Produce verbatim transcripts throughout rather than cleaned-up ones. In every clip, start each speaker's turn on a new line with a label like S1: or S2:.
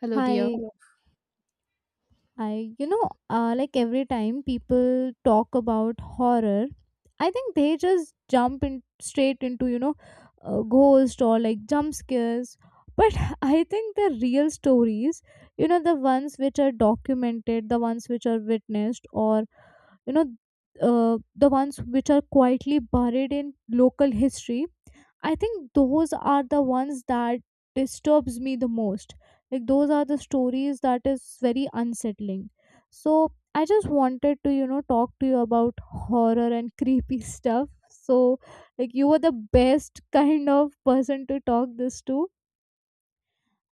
S1: Hello, dear.
S2: Hi, hello. I, you know, uh, like every time people talk about horror, I think they just jump in straight into, you know, uh, ghost or like jump scares. But I think the real stories, you know, the ones which are documented, the ones which are witnessed, or, you know, uh, the ones which are quietly buried in local history, I think those are the ones that disturbs me the most. Like those are the stories that is very unsettling. So I just wanted to, you know, talk to you about horror and creepy stuff. So like you were the best kind of person to talk this to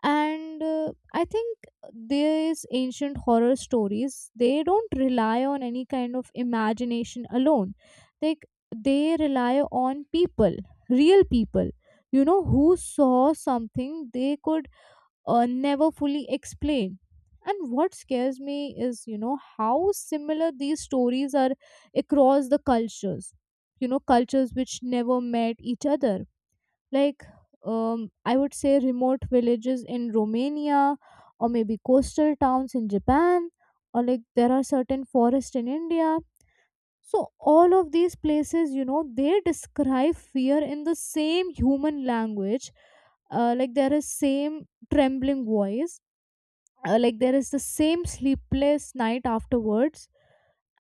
S2: and uh, I think these ancient horror stories, they don't rely on any kind of imagination alone, like they rely on people, real people, you know, who saw something they could uh, never fully explain. And what scares me is, you know, how similar these stories are across the cultures, you know, cultures which never met each other. Like, um, I would say remote villages in Romania, or maybe coastal towns in Japan, or like there are certain forests in India. So all of these places, you know, they describe fear in the same human language. Uh, like there is same trembling voice. Uh, like there is the same sleepless night afterwards.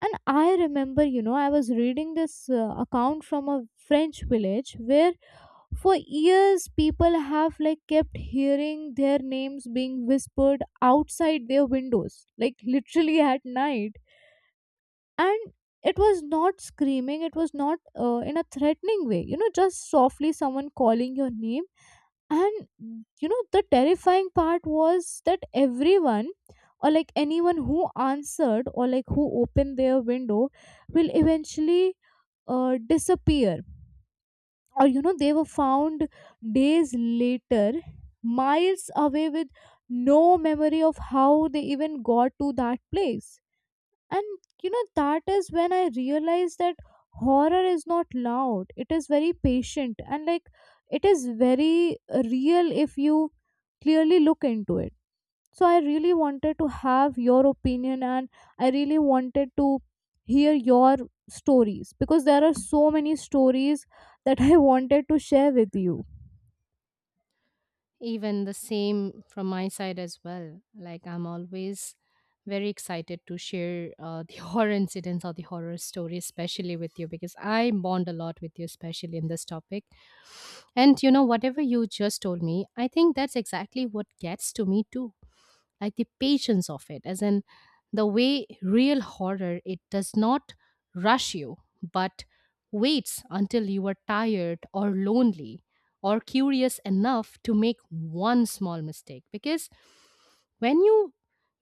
S2: And I remember, you know, I was reading this uh, account from a French village where for years, people have like kept hearing their names being whispered outside their windows, like literally at night. And it was not screaming, it was not uh, in a threatening way, you know, just softly someone calling your name. And you know, the terrifying part was that everyone, or like anyone who answered or like who opened their window, will eventually uh, disappear, or you know, they were found days later miles away with no memory of how they even got to that place. And you know, that is when I realized that horror is not loud, it is very patient, and like it is very real if you clearly look into it. So I really wanted to have your opinion, and I really wanted to hear your stories, because there are so many stories that I wanted to share with you.
S1: Even the same from my side as well. Like, I'm always very excited to share uh, the horror incidents or the horror stories, especially with you, because I bond a lot with you, especially in this topic. And you know, whatever you just told me, I think that's exactly what gets to me too. Like the patience of it, as in the way real horror, it does not rush you, but waits until you are tired or lonely or curious enough to make one small mistake. Because when you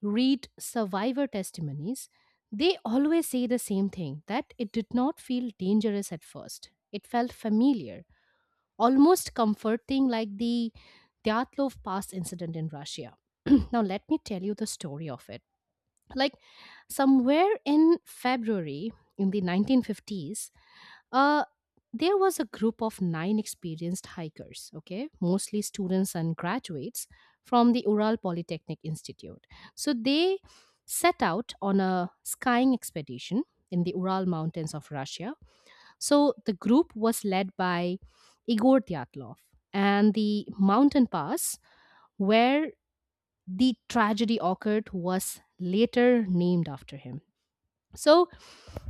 S1: read survivor testimonies, they always say the same thing: that it did not feel dangerous at first, it felt familiar, almost comforting. Like the Dyatlov Pass incident in Russia. Now, let me tell you the story of it. Like, somewhere in February in the nineteen fifties, uh, there was a group of nine experienced hikers, okay, mostly students and graduates from the Ural Polytechnic Institute. So they set out on a skying expedition in the Ural Mountains of Russia. So the group was led by Igor Dyatlov, and the mountain pass where the tragedy occurred was later named after him. So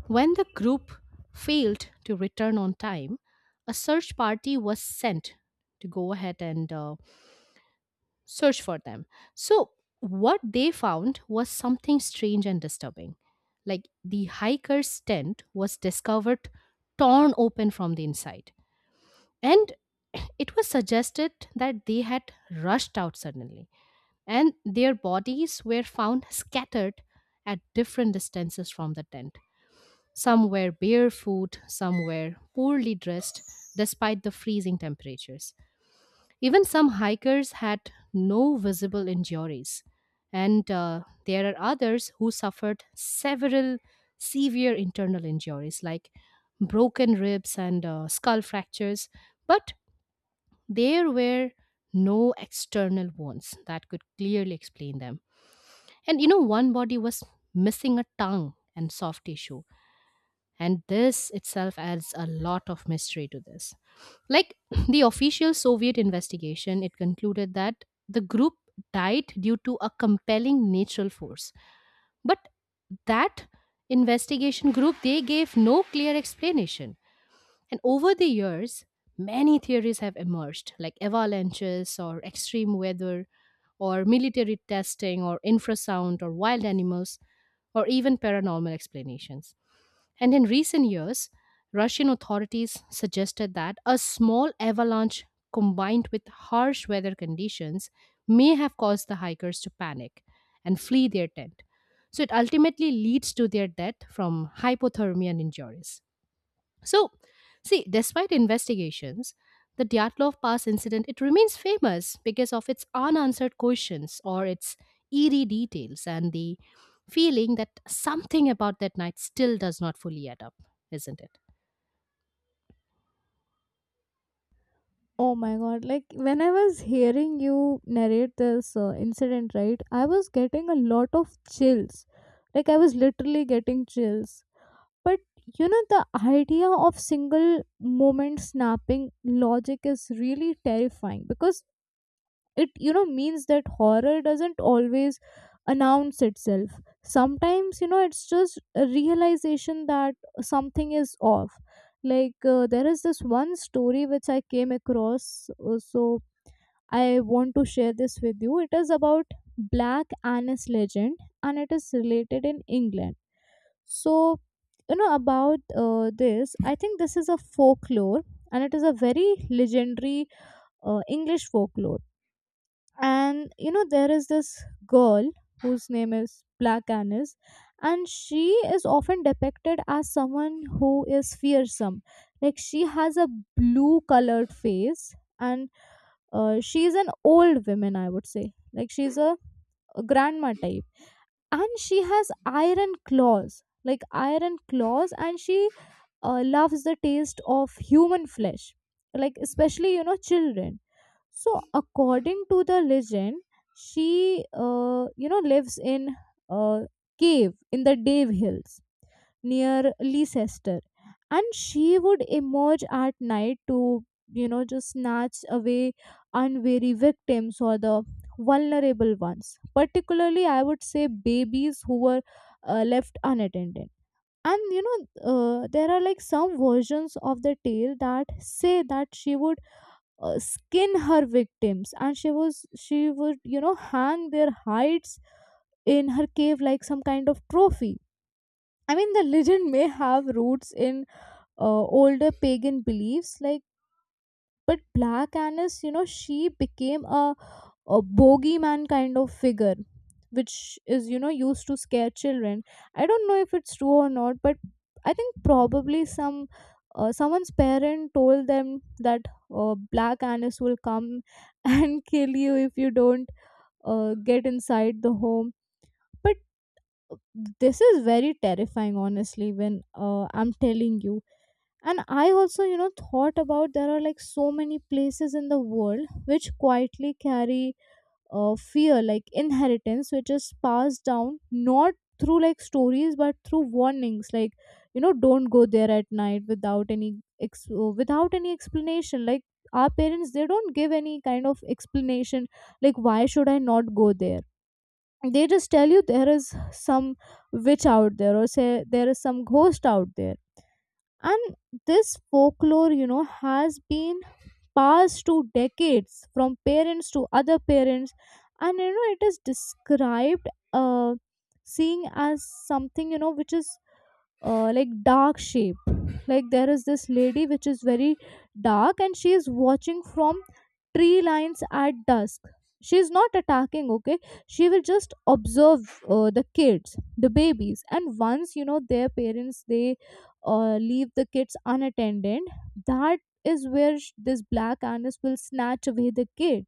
S1: when the group failed to return on time, a search party was sent to go ahead and uh, search for them. So what they found was something strange and disturbing. Like the hiker's tent was discovered torn open from the inside. And it was suggested that they had rushed out suddenly, and their bodies were found scattered at different distances from the tent. Some were barefoot, some were poorly dressed, despite the freezing temperatures. Even some hikers had no visible injuries, and uh, there are others who suffered several severe internal injuries like broken ribs and uh, skull fractures, but there were no external wounds that could clearly explain them. And you know, one body was missing a tongue and soft tissue. And this itself adds a lot of mystery to this. Like the official Soviet investigation, it concluded that the group died due to a compelling natural force. But that investigation group, they gave no clear explanation. And over the years, many theories have emerged, like avalanches or extreme weather, or military testing, or infrasound, or wild animals, or even paranormal explanations. And in recent years, Russian authorities suggested that a small avalanche combined with harsh weather conditions may have caused the hikers to panic and flee their tent. So it ultimately leads to their death from hypothermia and injuries. So, see, despite investigations, the Dyatlov Pass incident, it remains famous because of its unanswered questions or its eerie details and the feeling that something about that night still does not fully add up, isn't it?
S2: Oh my god, like when I was hearing you narrate this uh, incident, right, I was getting a lot of chills, like I was literally getting chills. But you know, the idea of single moment snapping logic is really terrifying, because it, you know, means that horror doesn't always announce itself. Sometimes, you know, it's just a realization that something is off. Like, uh, there is this one story which I came across. Uh, so I want to share this with you. It is about black anise legend, and it is related in England. So, you know about uh, this. I think this is a folklore, and it is a very legendary uh, English folklore. And you know, there is this girl whose name is Black Annis, and she is often depicted as someone who is fearsome. Like she has a blue colored face, and uh, she is an old woman, I would say. Like she's a, a grandma type. And she has iron claws, like iron claws, and she uh, loves the taste of human flesh, like especially, you know, children. So, according to the legend, she, uh, you know, lives in a cave in the Dave Hills near Leicester, and she would emerge at night to, you know, just snatch away unwary victims or the vulnerable ones. Particularly, I would say babies who were uh, left unattended. And you know, uh, there are like some versions of the tale that say that she would uh, skin her victims, and she was she would, you know, hang their hides in her cave like some kind of trophy. I mean, the legend may have roots in uh, older pagan beliefs, like, but black anise, you know, she became a a bogeyman kind of figure, which is, you know, used to scare children. I don't know if it's true or not, but I think probably some uh, someone's parent told them that uh, black anise will come and kill you if you don't uh, get inside the home. But this is very terrifying, honestly, when uh, I'm telling you. And I also, you know, thought about, there are like so many places in the world which quietly carry uh, fear, like inheritance, which is passed down not through like stories but through warnings, like, you know, don't go there at night without any ex- uh, without any explanation. Like our parents, they don't give any kind of explanation, like why should I not go there. They just tell you there is some witch out there, or say there is some ghost out there. And this folklore, you know, has been passed to decades from parents to other parents. And you know, it is described uh, seeing as something, you know, which is uh, like dark shape. Like there is this lady which is very dark, and she is watching from tree lines at dusk. She is not attacking, okay. She will just observe uh, the kids, the babies, and once, you know, their parents, they uh, leave the kids unattended, that is where sh- this black anise will snatch away the kid.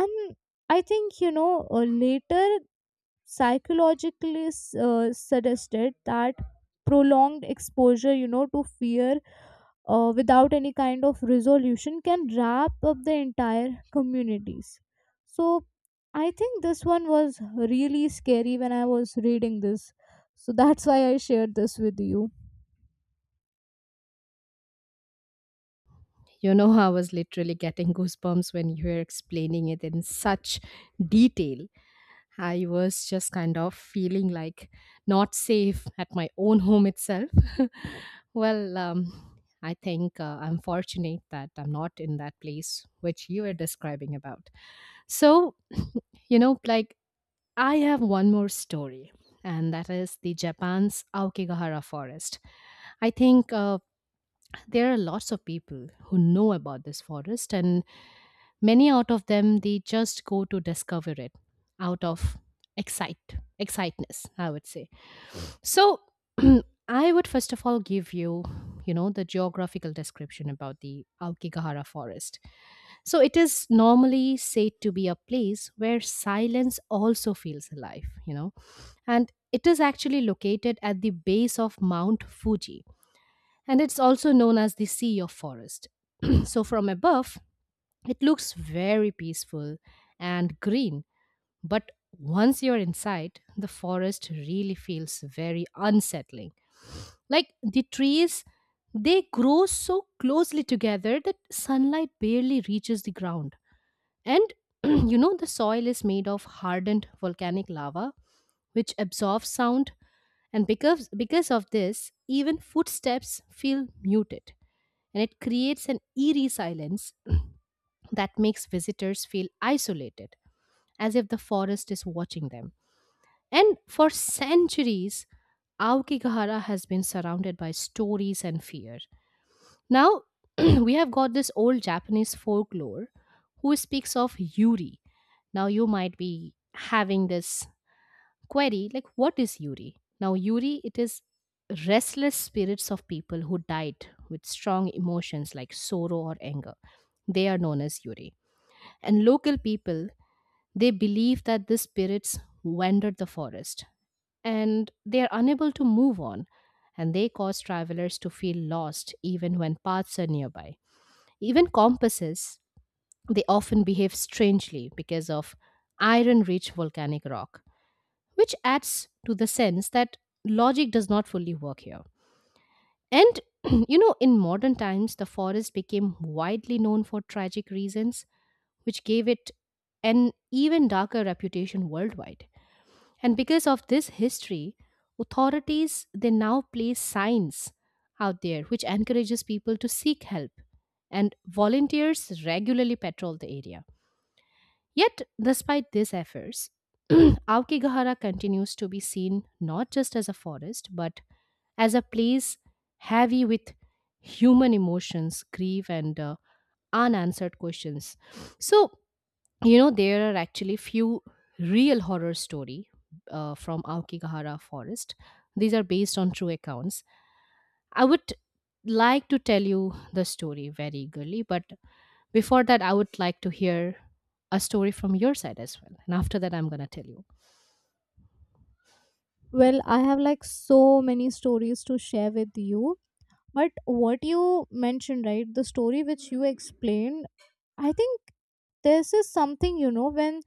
S2: And I think, you know, uh, later psychologically s- uh, suggested that prolonged exposure, you know, to fear uh, without any kind of resolution can wrap up the entire communities. So I think this one was really scary when I was reading this. So that's why I shared this with you.
S1: You know, I was literally getting goosebumps when you were explaining it in such detail. I was just kind of feeling like not safe at my own home itself. Well, um, I think uh, I'm fortunate that I'm not in that place which you were describing about. So, you know, like, I have one more story, and that is the Japan's Aokigahara forest. I think uh, there are lots of people who know about this forest, and many out of them, they just go to discover it out of excite exciteness, I would say. So I would first of all give you, you know, the geographical description about the Aokigahara forest. So it is normally said to be a place where silence also feels alive, you know. And it is actually located at the base of Mount Fuji, and it's also known as the Sea of Forest. So, from above, it looks very peaceful and green, but once you're inside, the forest really feels very unsettling. Like the trees, they grow so closely together that sunlight barely reaches the ground. And you know, the soil is made of hardened volcanic lava, which absorbs sound. And because because of this, even footsteps feel muted, and it creates an eerie silence that makes visitors feel isolated, as if the forest is watching them. And for centuries, Aokigahara has been surrounded by stories and fear. Now, we have got this old Japanese folklore who speaks of Yuri. Now, you might be having this query, like, what is Yuri? Now, Yuri, it is restless spirits of people who died with strong emotions like sorrow or anger. They are known as Yuri. And local people, they believe that the spirits wandered the forest and they are unable to move on, and they cause travelers to feel lost even when paths are nearby. Even compasses, they often behave strangely because of iron rich volcanic rock, which adds to the sense that logic does not fully work here. And you know, in modern times, the forest became widely known for tragic reasons, which gave it an even darker reputation worldwide. And because of this history, authorities, they now place signs out there which encourages people to seek help, and volunteers regularly patrol the area. Yet, despite these efforts, Aokigahara continues to be seen not just as a forest, but as a place heavy with human emotions, grief, and uh, unanswered questions. So, you know, there are actually few real horror story uh, from Aokigahara forest. These are based on true accounts. I would like to tell you the story very eagerly, but before that, I would like to hear a story from your side as well. And after that, I'm going to tell you.
S2: Well, I have like so many stories to share with you. But what you mentioned, right, the story which you explained, I think this is something, you know, when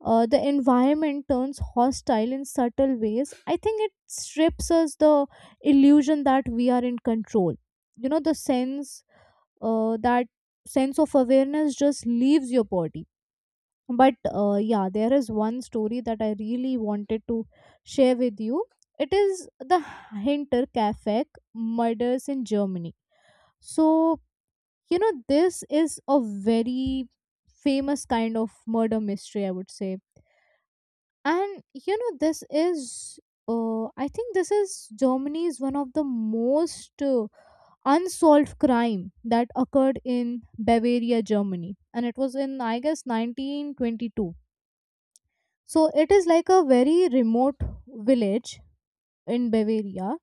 S2: uh, the environment turns hostile in subtle ways, I think it strips us the illusion that we are in control. You know, the sense, uh, that sense of awareness just leaves your body. But uh, yeah, there is one story that I really wanted to share with you. It is the Hinterkaifeck murders in Germany. So, you know, this is a very famous kind of murder mystery, I would say. And you know, this is, uh, I think this is Germany's one of the most uh, unsolved crime that occurred in Bavaria, Germany, and it was in, I guess, nineteen twenty-two. So it is like a very remote village in Bavaria.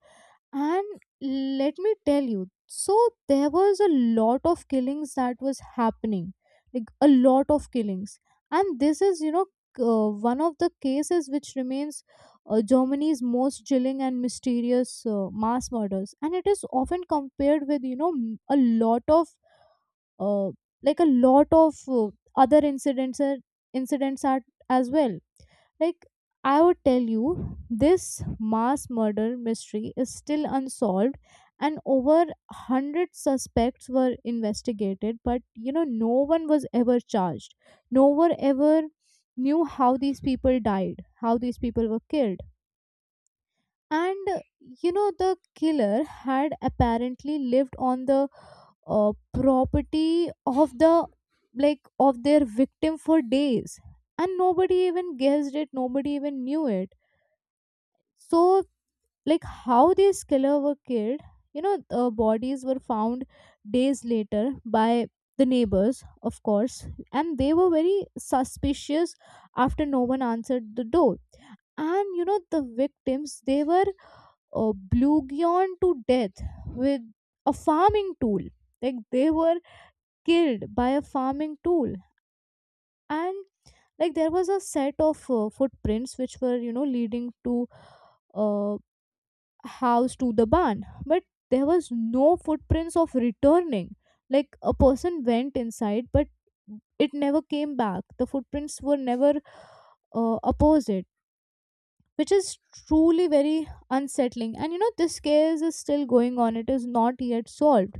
S2: And let me tell you, so there was a lot of killings that was happening, like a lot of killings. And this is, you know, uh, one of the cases which remains uh, Germany's most chilling and mysterious uh, mass murders. And it is often compared with, you know, m- a lot of, uh, like a lot of uh, other incidents, uh, incidents are, as well. Like, I would tell you, this mass murder mystery is still unsolved, and over one hundred suspects were investigated, but you know, no one was ever charged. No one ever knew how these people died, how these people were killed. And uh, you know, the killer had apparently lived on the uh, property of the, like, of their victim for days, and nobody even guessed it, nobody even knew it. So like how these killer were killed, you know, uh, bodies were found days later by the neighbors, of course, and they were very suspicious after no one answered the door. And you know, the victims, they were uh, bludgeoned to death with a farming tool. Like they were killed by a farming tool. And like there was a set of uh, footprints which were, you know, leading to uh, house to the barn, but there was no footprints of returning. Like a person went inside, but it never came back. The footprints were never uh, opposite, which is truly very unsettling. And you know, this case is still going on, it is not yet solved.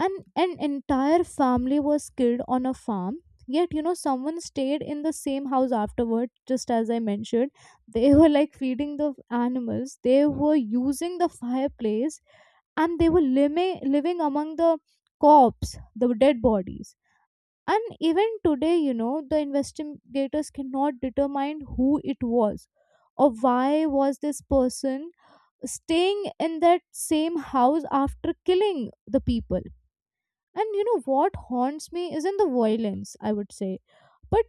S2: And an entire family was killed on a farm. Yet, you know, someone stayed in the same house afterward, just as I mentioned. They were like feeding the animals, they were using the fireplace, and they were living living among the corpse, the dead bodies. And even today, you know, the investigators cannot determine who it was or why was this person staying in that same house after killing the people. And you know what haunts me isn't the violence, I would say, but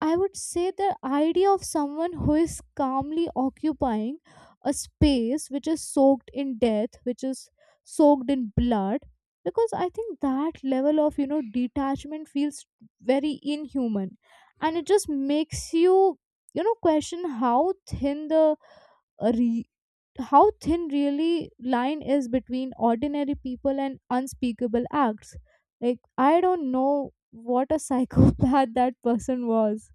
S2: I would say the idea of someone who is calmly occupying a space which is soaked in death, which is soaked in blood. Because I think that level of, you know, detachment feels very inhuman. And it just makes you, you know, question how thin the uh, re- how thin really line is between ordinary people and unspeakable acts. Like I don't know what a psychopath that person was.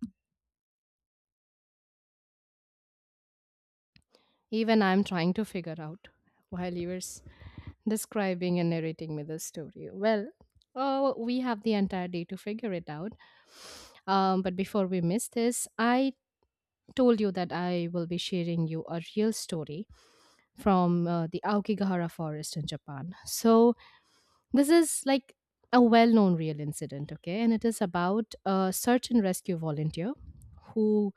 S1: Even I'm trying to figure out while you were s- describing and narrating me this story. Well, oh, we have the entire day to figure it out. Um, but before we miss this, I told you that I will be sharing you a real story from uh, the Aokigahara forest in Japan. So this is like a well-known real incident, okay? And it is about a search and rescue volunteer who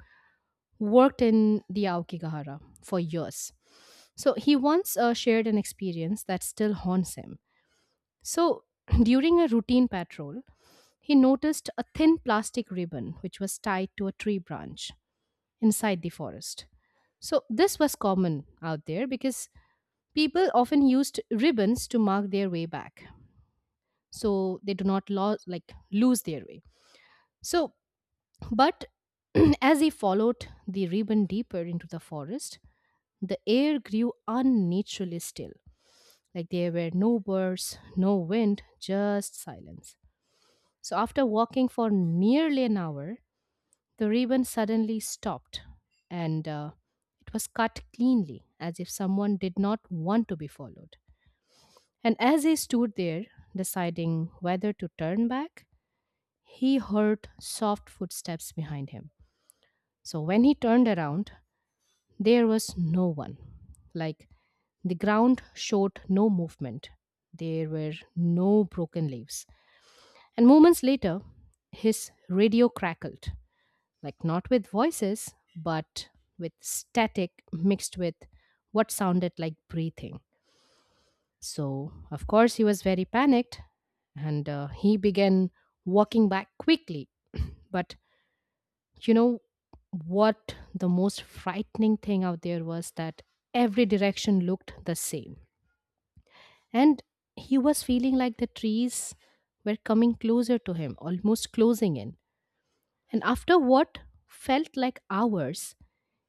S1: worked in the Aokigahara for years. So he once uh, shared an experience that still haunts him. So during a routine patrol, he noticed a thin plastic ribbon which was tied to a tree branch inside the forest. So, this was common out there because people often used ribbons to mark their way back. So, they do not lo- like, lose their way. So, but as he followed the ribbon deeper into the forest, the air grew unnaturally still. Like, there were no birds, no wind, just silence. So, after walking for nearly an hour, the ribbon suddenly stopped, and uh, it was cut cleanly, as if someone did not want to be followed. And as he stood there, deciding whether to turn back, he heard soft footsteps behind him. So when he turned around, there was no one. Like, the ground showed no movement. There were no broken leaves. And moments later, his radio crackled, like, not with voices, but with static mixed with what sounded like breathing. So, of course, he was very panicked, and uh, he began walking back quickly. But you know what? The most frightening thing out there was that every direction looked the same. And he was feeling like the trees were coming closer to him, almost closing in. And after what felt like hours,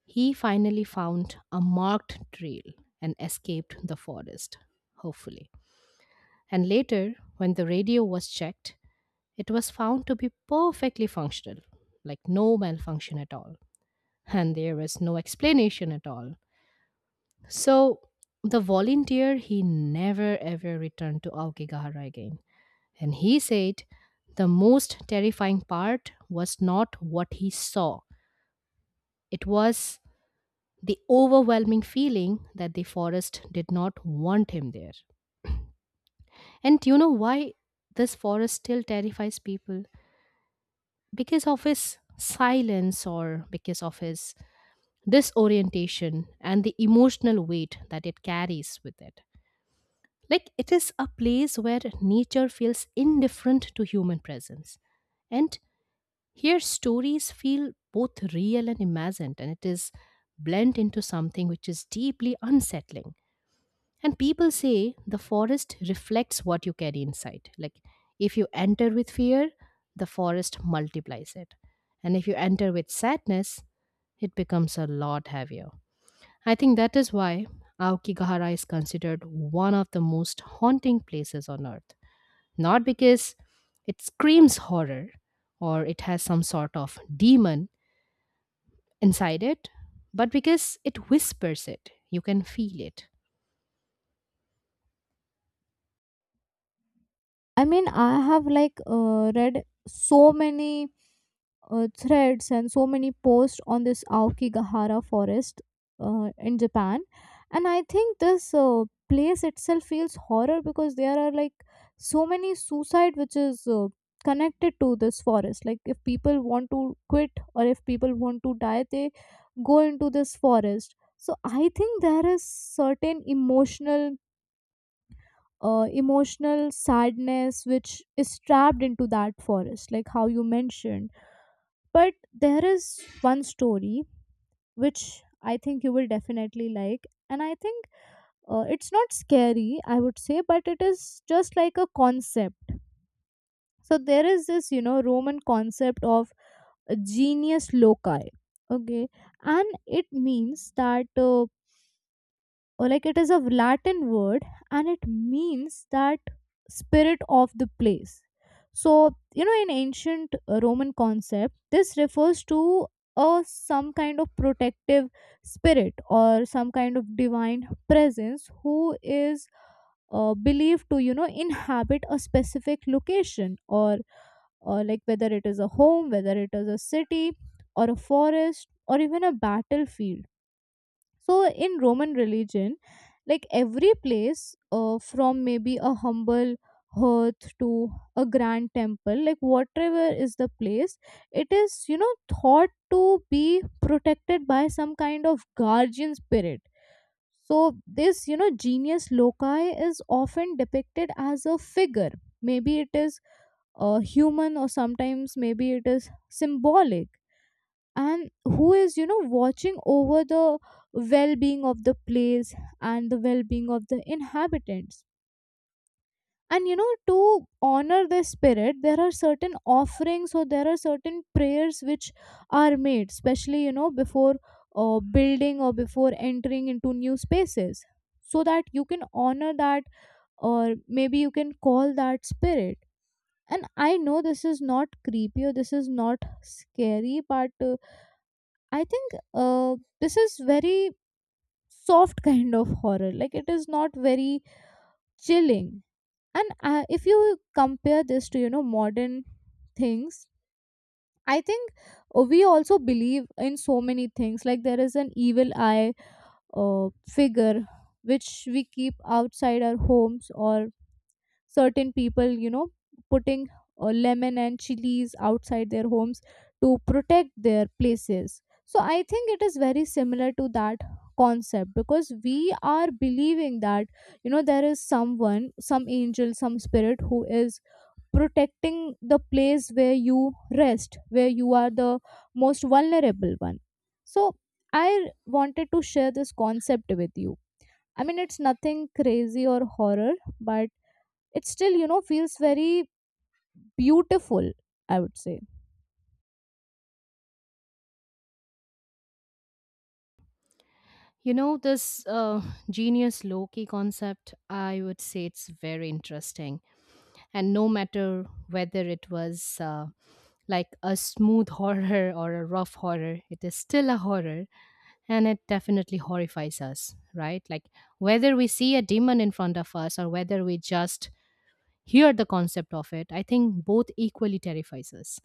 S1: he finally found a marked trail and escaped the forest, hopefully. And later, when the radio was checked, it was found to be perfectly functional, like no malfunction at all. And there was no explanation at all. So, the volunteer, he never ever returned to Aokigahara again. And he said the most terrifying part was not what he saw, it was the overwhelming feeling that the forest did not want him there. And do you know why this forest still terrifies people? Because of his silence, or because of his disorientation and the emotional weight that it carries with it. Like, it is a place where nature feels indifferent to human presence. And here stories feel both real and imagined, and it is blent into something which is deeply unsettling. And people say the forest reflects what you carry inside. Like, if you enter with fear, the forest multiplies it. And if you enter with sadness, it becomes a lot heavier. I think that is why Aokigahara is considered one of the most haunting places on earth. Not because it screams horror or it has some sort of demon inside it, but because it whispers it. You can feel it.
S2: I mean, I have like uh, read so many uh, threads and so many posts on this Aokigahara forest uh, in Japan, and I think this uh, place itself feels horror because there are like so many suicide which is uh, connected to this forest. Like if people want to quit or if people want to die, they go into this forest. So I think there is certain emotional uh, emotional sadness which is trapped into that forest, like how you mentioned. But there is one story which I think you will definitely like, and I think uh, it's not scary, I would say, but it is just like a concept. So there is this, you know, Roman concept of genius loci. Okay, and it means that uh, or like it is a Latin word and it means that spirit of the place. So you know, in ancient uh, Roman concept, this refers to a some kind of protective spirit or some kind of divine presence who is uh, believed to, you know, inhabit a specific location, or or like whether it is a home, whether it is a city or a forest or even a battlefield. So in Roman religion, like every place, uh, from maybe a humble hearth to a grand temple, like whatever is the place it is, you know, thought to be protected by some kind of guardian spirit. So this, you know, genius loci is often depicted as a figure, maybe it is uh, human, or sometimes maybe it is symbolic, and who is, you know, watching over the well-being of the place and the well-being of the inhabitants. And you know, to honor the spirit, there are certain offerings or there are certain prayers which are made, especially you know, before uh, building or before entering into new spaces, so that you can honor that, or maybe you can call that spirit. And I know this is not creepy or this is not scary, but uh, I think uh, this is very soft kind of horror. Like it is not very chilling. And uh, if you compare this to, you know, modern things, I think uh, we also believe in so many things. Like there is an evil eye uh, figure which we keep outside our homes, or certain people, you know, putting uh, lemon and chilies outside their homes to protect their places. So I think it is very similar to that concept, because we are believing that, you know, there is someone, some angel, some spirit who is protecting the place where you rest, where you are the most vulnerable one. So I wanted to share this concept with you. I mean, it's nothing crazy or horror, but it still, you know, feels very beautiful, I would say.
S1: You know, this uh, genius Loki concept, I would say it's very interesting. And no matter whether it was uh, like a smooth horror or a rough horror, it is still a horror, and it definitely horrifies us, right? Like, whether we see a demon in front of us or whether we just hear the concept of it, I think both equally terrifies us.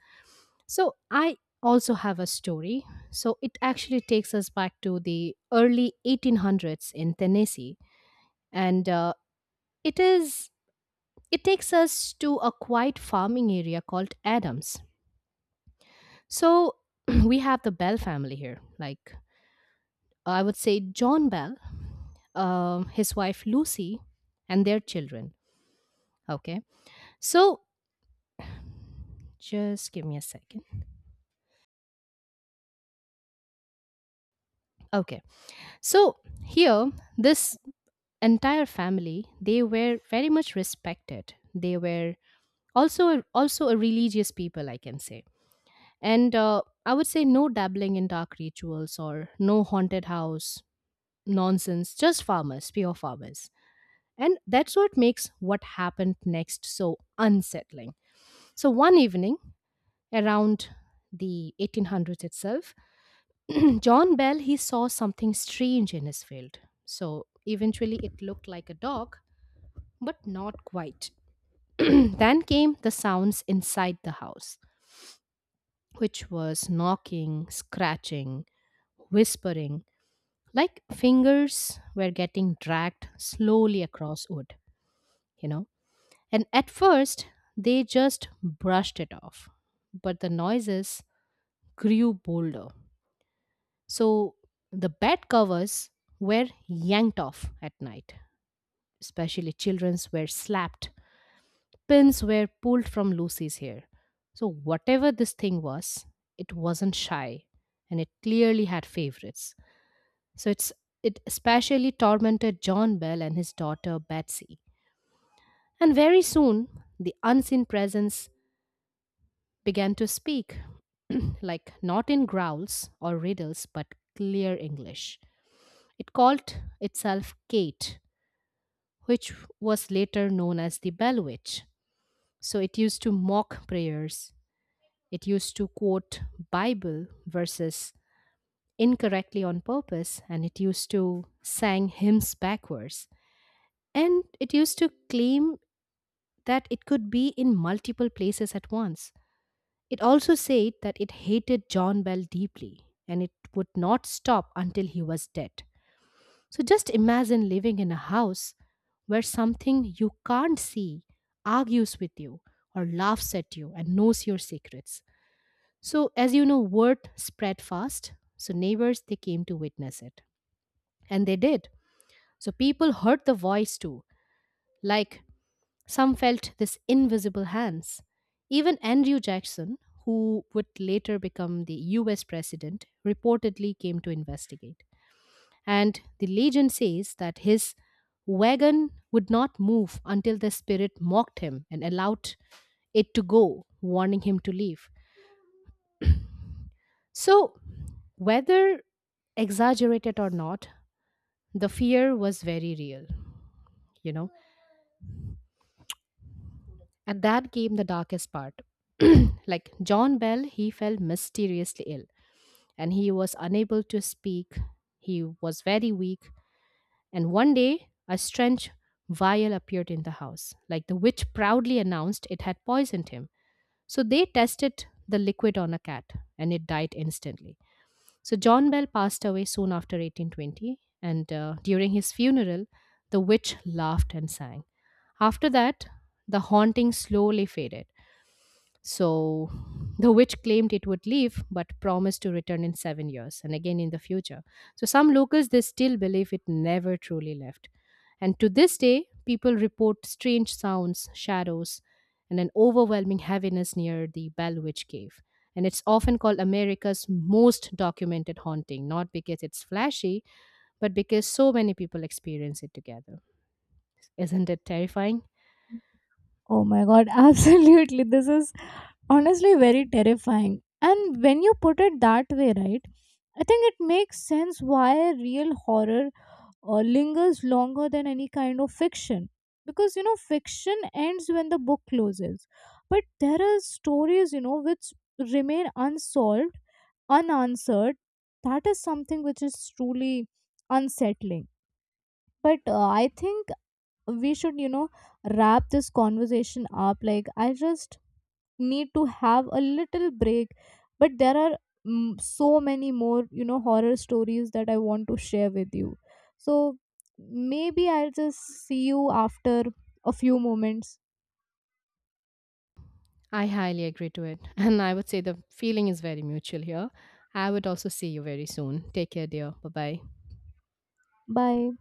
S1: So I also have a story. So it actually takes us back to the early eighteen hundreds in Tennessee and uh, it is it takes us to a quiet farming area called Adams. So we have the Bell family here. Like, I would say John Bell, um, his wife Lucy, and their children. Okay, so just give me a second. Okay, so here this entire family, they were very much respected. They were also also a religious people, I can say. And uh, I would say no dabbling in dark rituals or no haunted house nonsense, just farmers, pure farmers. And that's what makes what happened next so unsettling. So one evening, around the eighteen hundreds itself, John Bell, he saw something strange in his field. So eventually it looked like a dog, but not quite. then came the sounds inside the house, which was knocking, scratching, whispering, like fingers were getting dragged slowly across wood, you know. And at first, they just brushed it off. But the noises grew bolder. So the bed covers were yanked off at night, especially children's, were slapped. Pins were pulled from Lucy's hair. So, whatever this thing was, it wasn't shy, and it clearly had favorites. So it's it especially tormented John Bell and his daughter Betsy. And very soon the unseen presence began to speak, like not in growls or riddles, but clear English. It called itself Kate, which was later known as the Bell Witch. So it used to mock prayers. It used to quote Bible verses incorrectly on purpose, and it used to sang hymns backwards. And it used to claim that it could be in multiple places at once. It also said that it hated John Bell deeply and it would not stop until he was dead. So just imagine living in a house where something you can't see argues with you or laughs at you and knows your secrets. So as you know, word spread fast. So neighbors, they came to witness it. And they did. So people heard the voice too. Like, some felt this invisible hands. Even Andrew Jackson, who would later become the U S president, reportedly came to investigate. And the legend says that his wagon would not move until the spirit mocked him and allowed it to go, warning him to leave. So, whether exaggerated or not, the fear was very real, you know. And that came the darkest part. like, John Bell, he fell mysteriously ill and he was unable to speak. He was very weak. And one day, a strange vial appeared in the house. Like, the witch proudly announced it had poisoned him. So they tested the liquid on a cat and it died instantly. So John Bell passed away soon after eighteen twenty. And uh, During his funeral, the witch laughed and sang. After that, the haunting slowly faded. So the witch claimed it would leave but promised to return in seven years and again in the future. So some locals, they still believe it never truly left. And to this day, people report strange sounds, shadows, and an overwhelming heaviness near the Bell Witch Cave. And it's often called America's most documented haunting, not because it's flashy, but because so many people experience it together. Isn't it terrifying?
S2: Oh my god, absolutely, this is honestly very terrifying. And when you put it that way, right, I think it makes sense why real horror uh, lingers longer than any kind of fiction, because you know, fiction ends when the book closes, but there are stories, you know, which remain unsolved, unanswered. That is something which is truly unsettling. But uh, I think we should, you know, wrap this conversation up. Like, I just need to have a little break, but there are mm, so many more, you know, horror stories that I want to share with you. So maybe I'll just see you after a few moments.
S1: I highly agree to it. And I would say the feeling is very mutual here. I would also see you very soon. Take care, dear. Bye bye.
S2: Bye.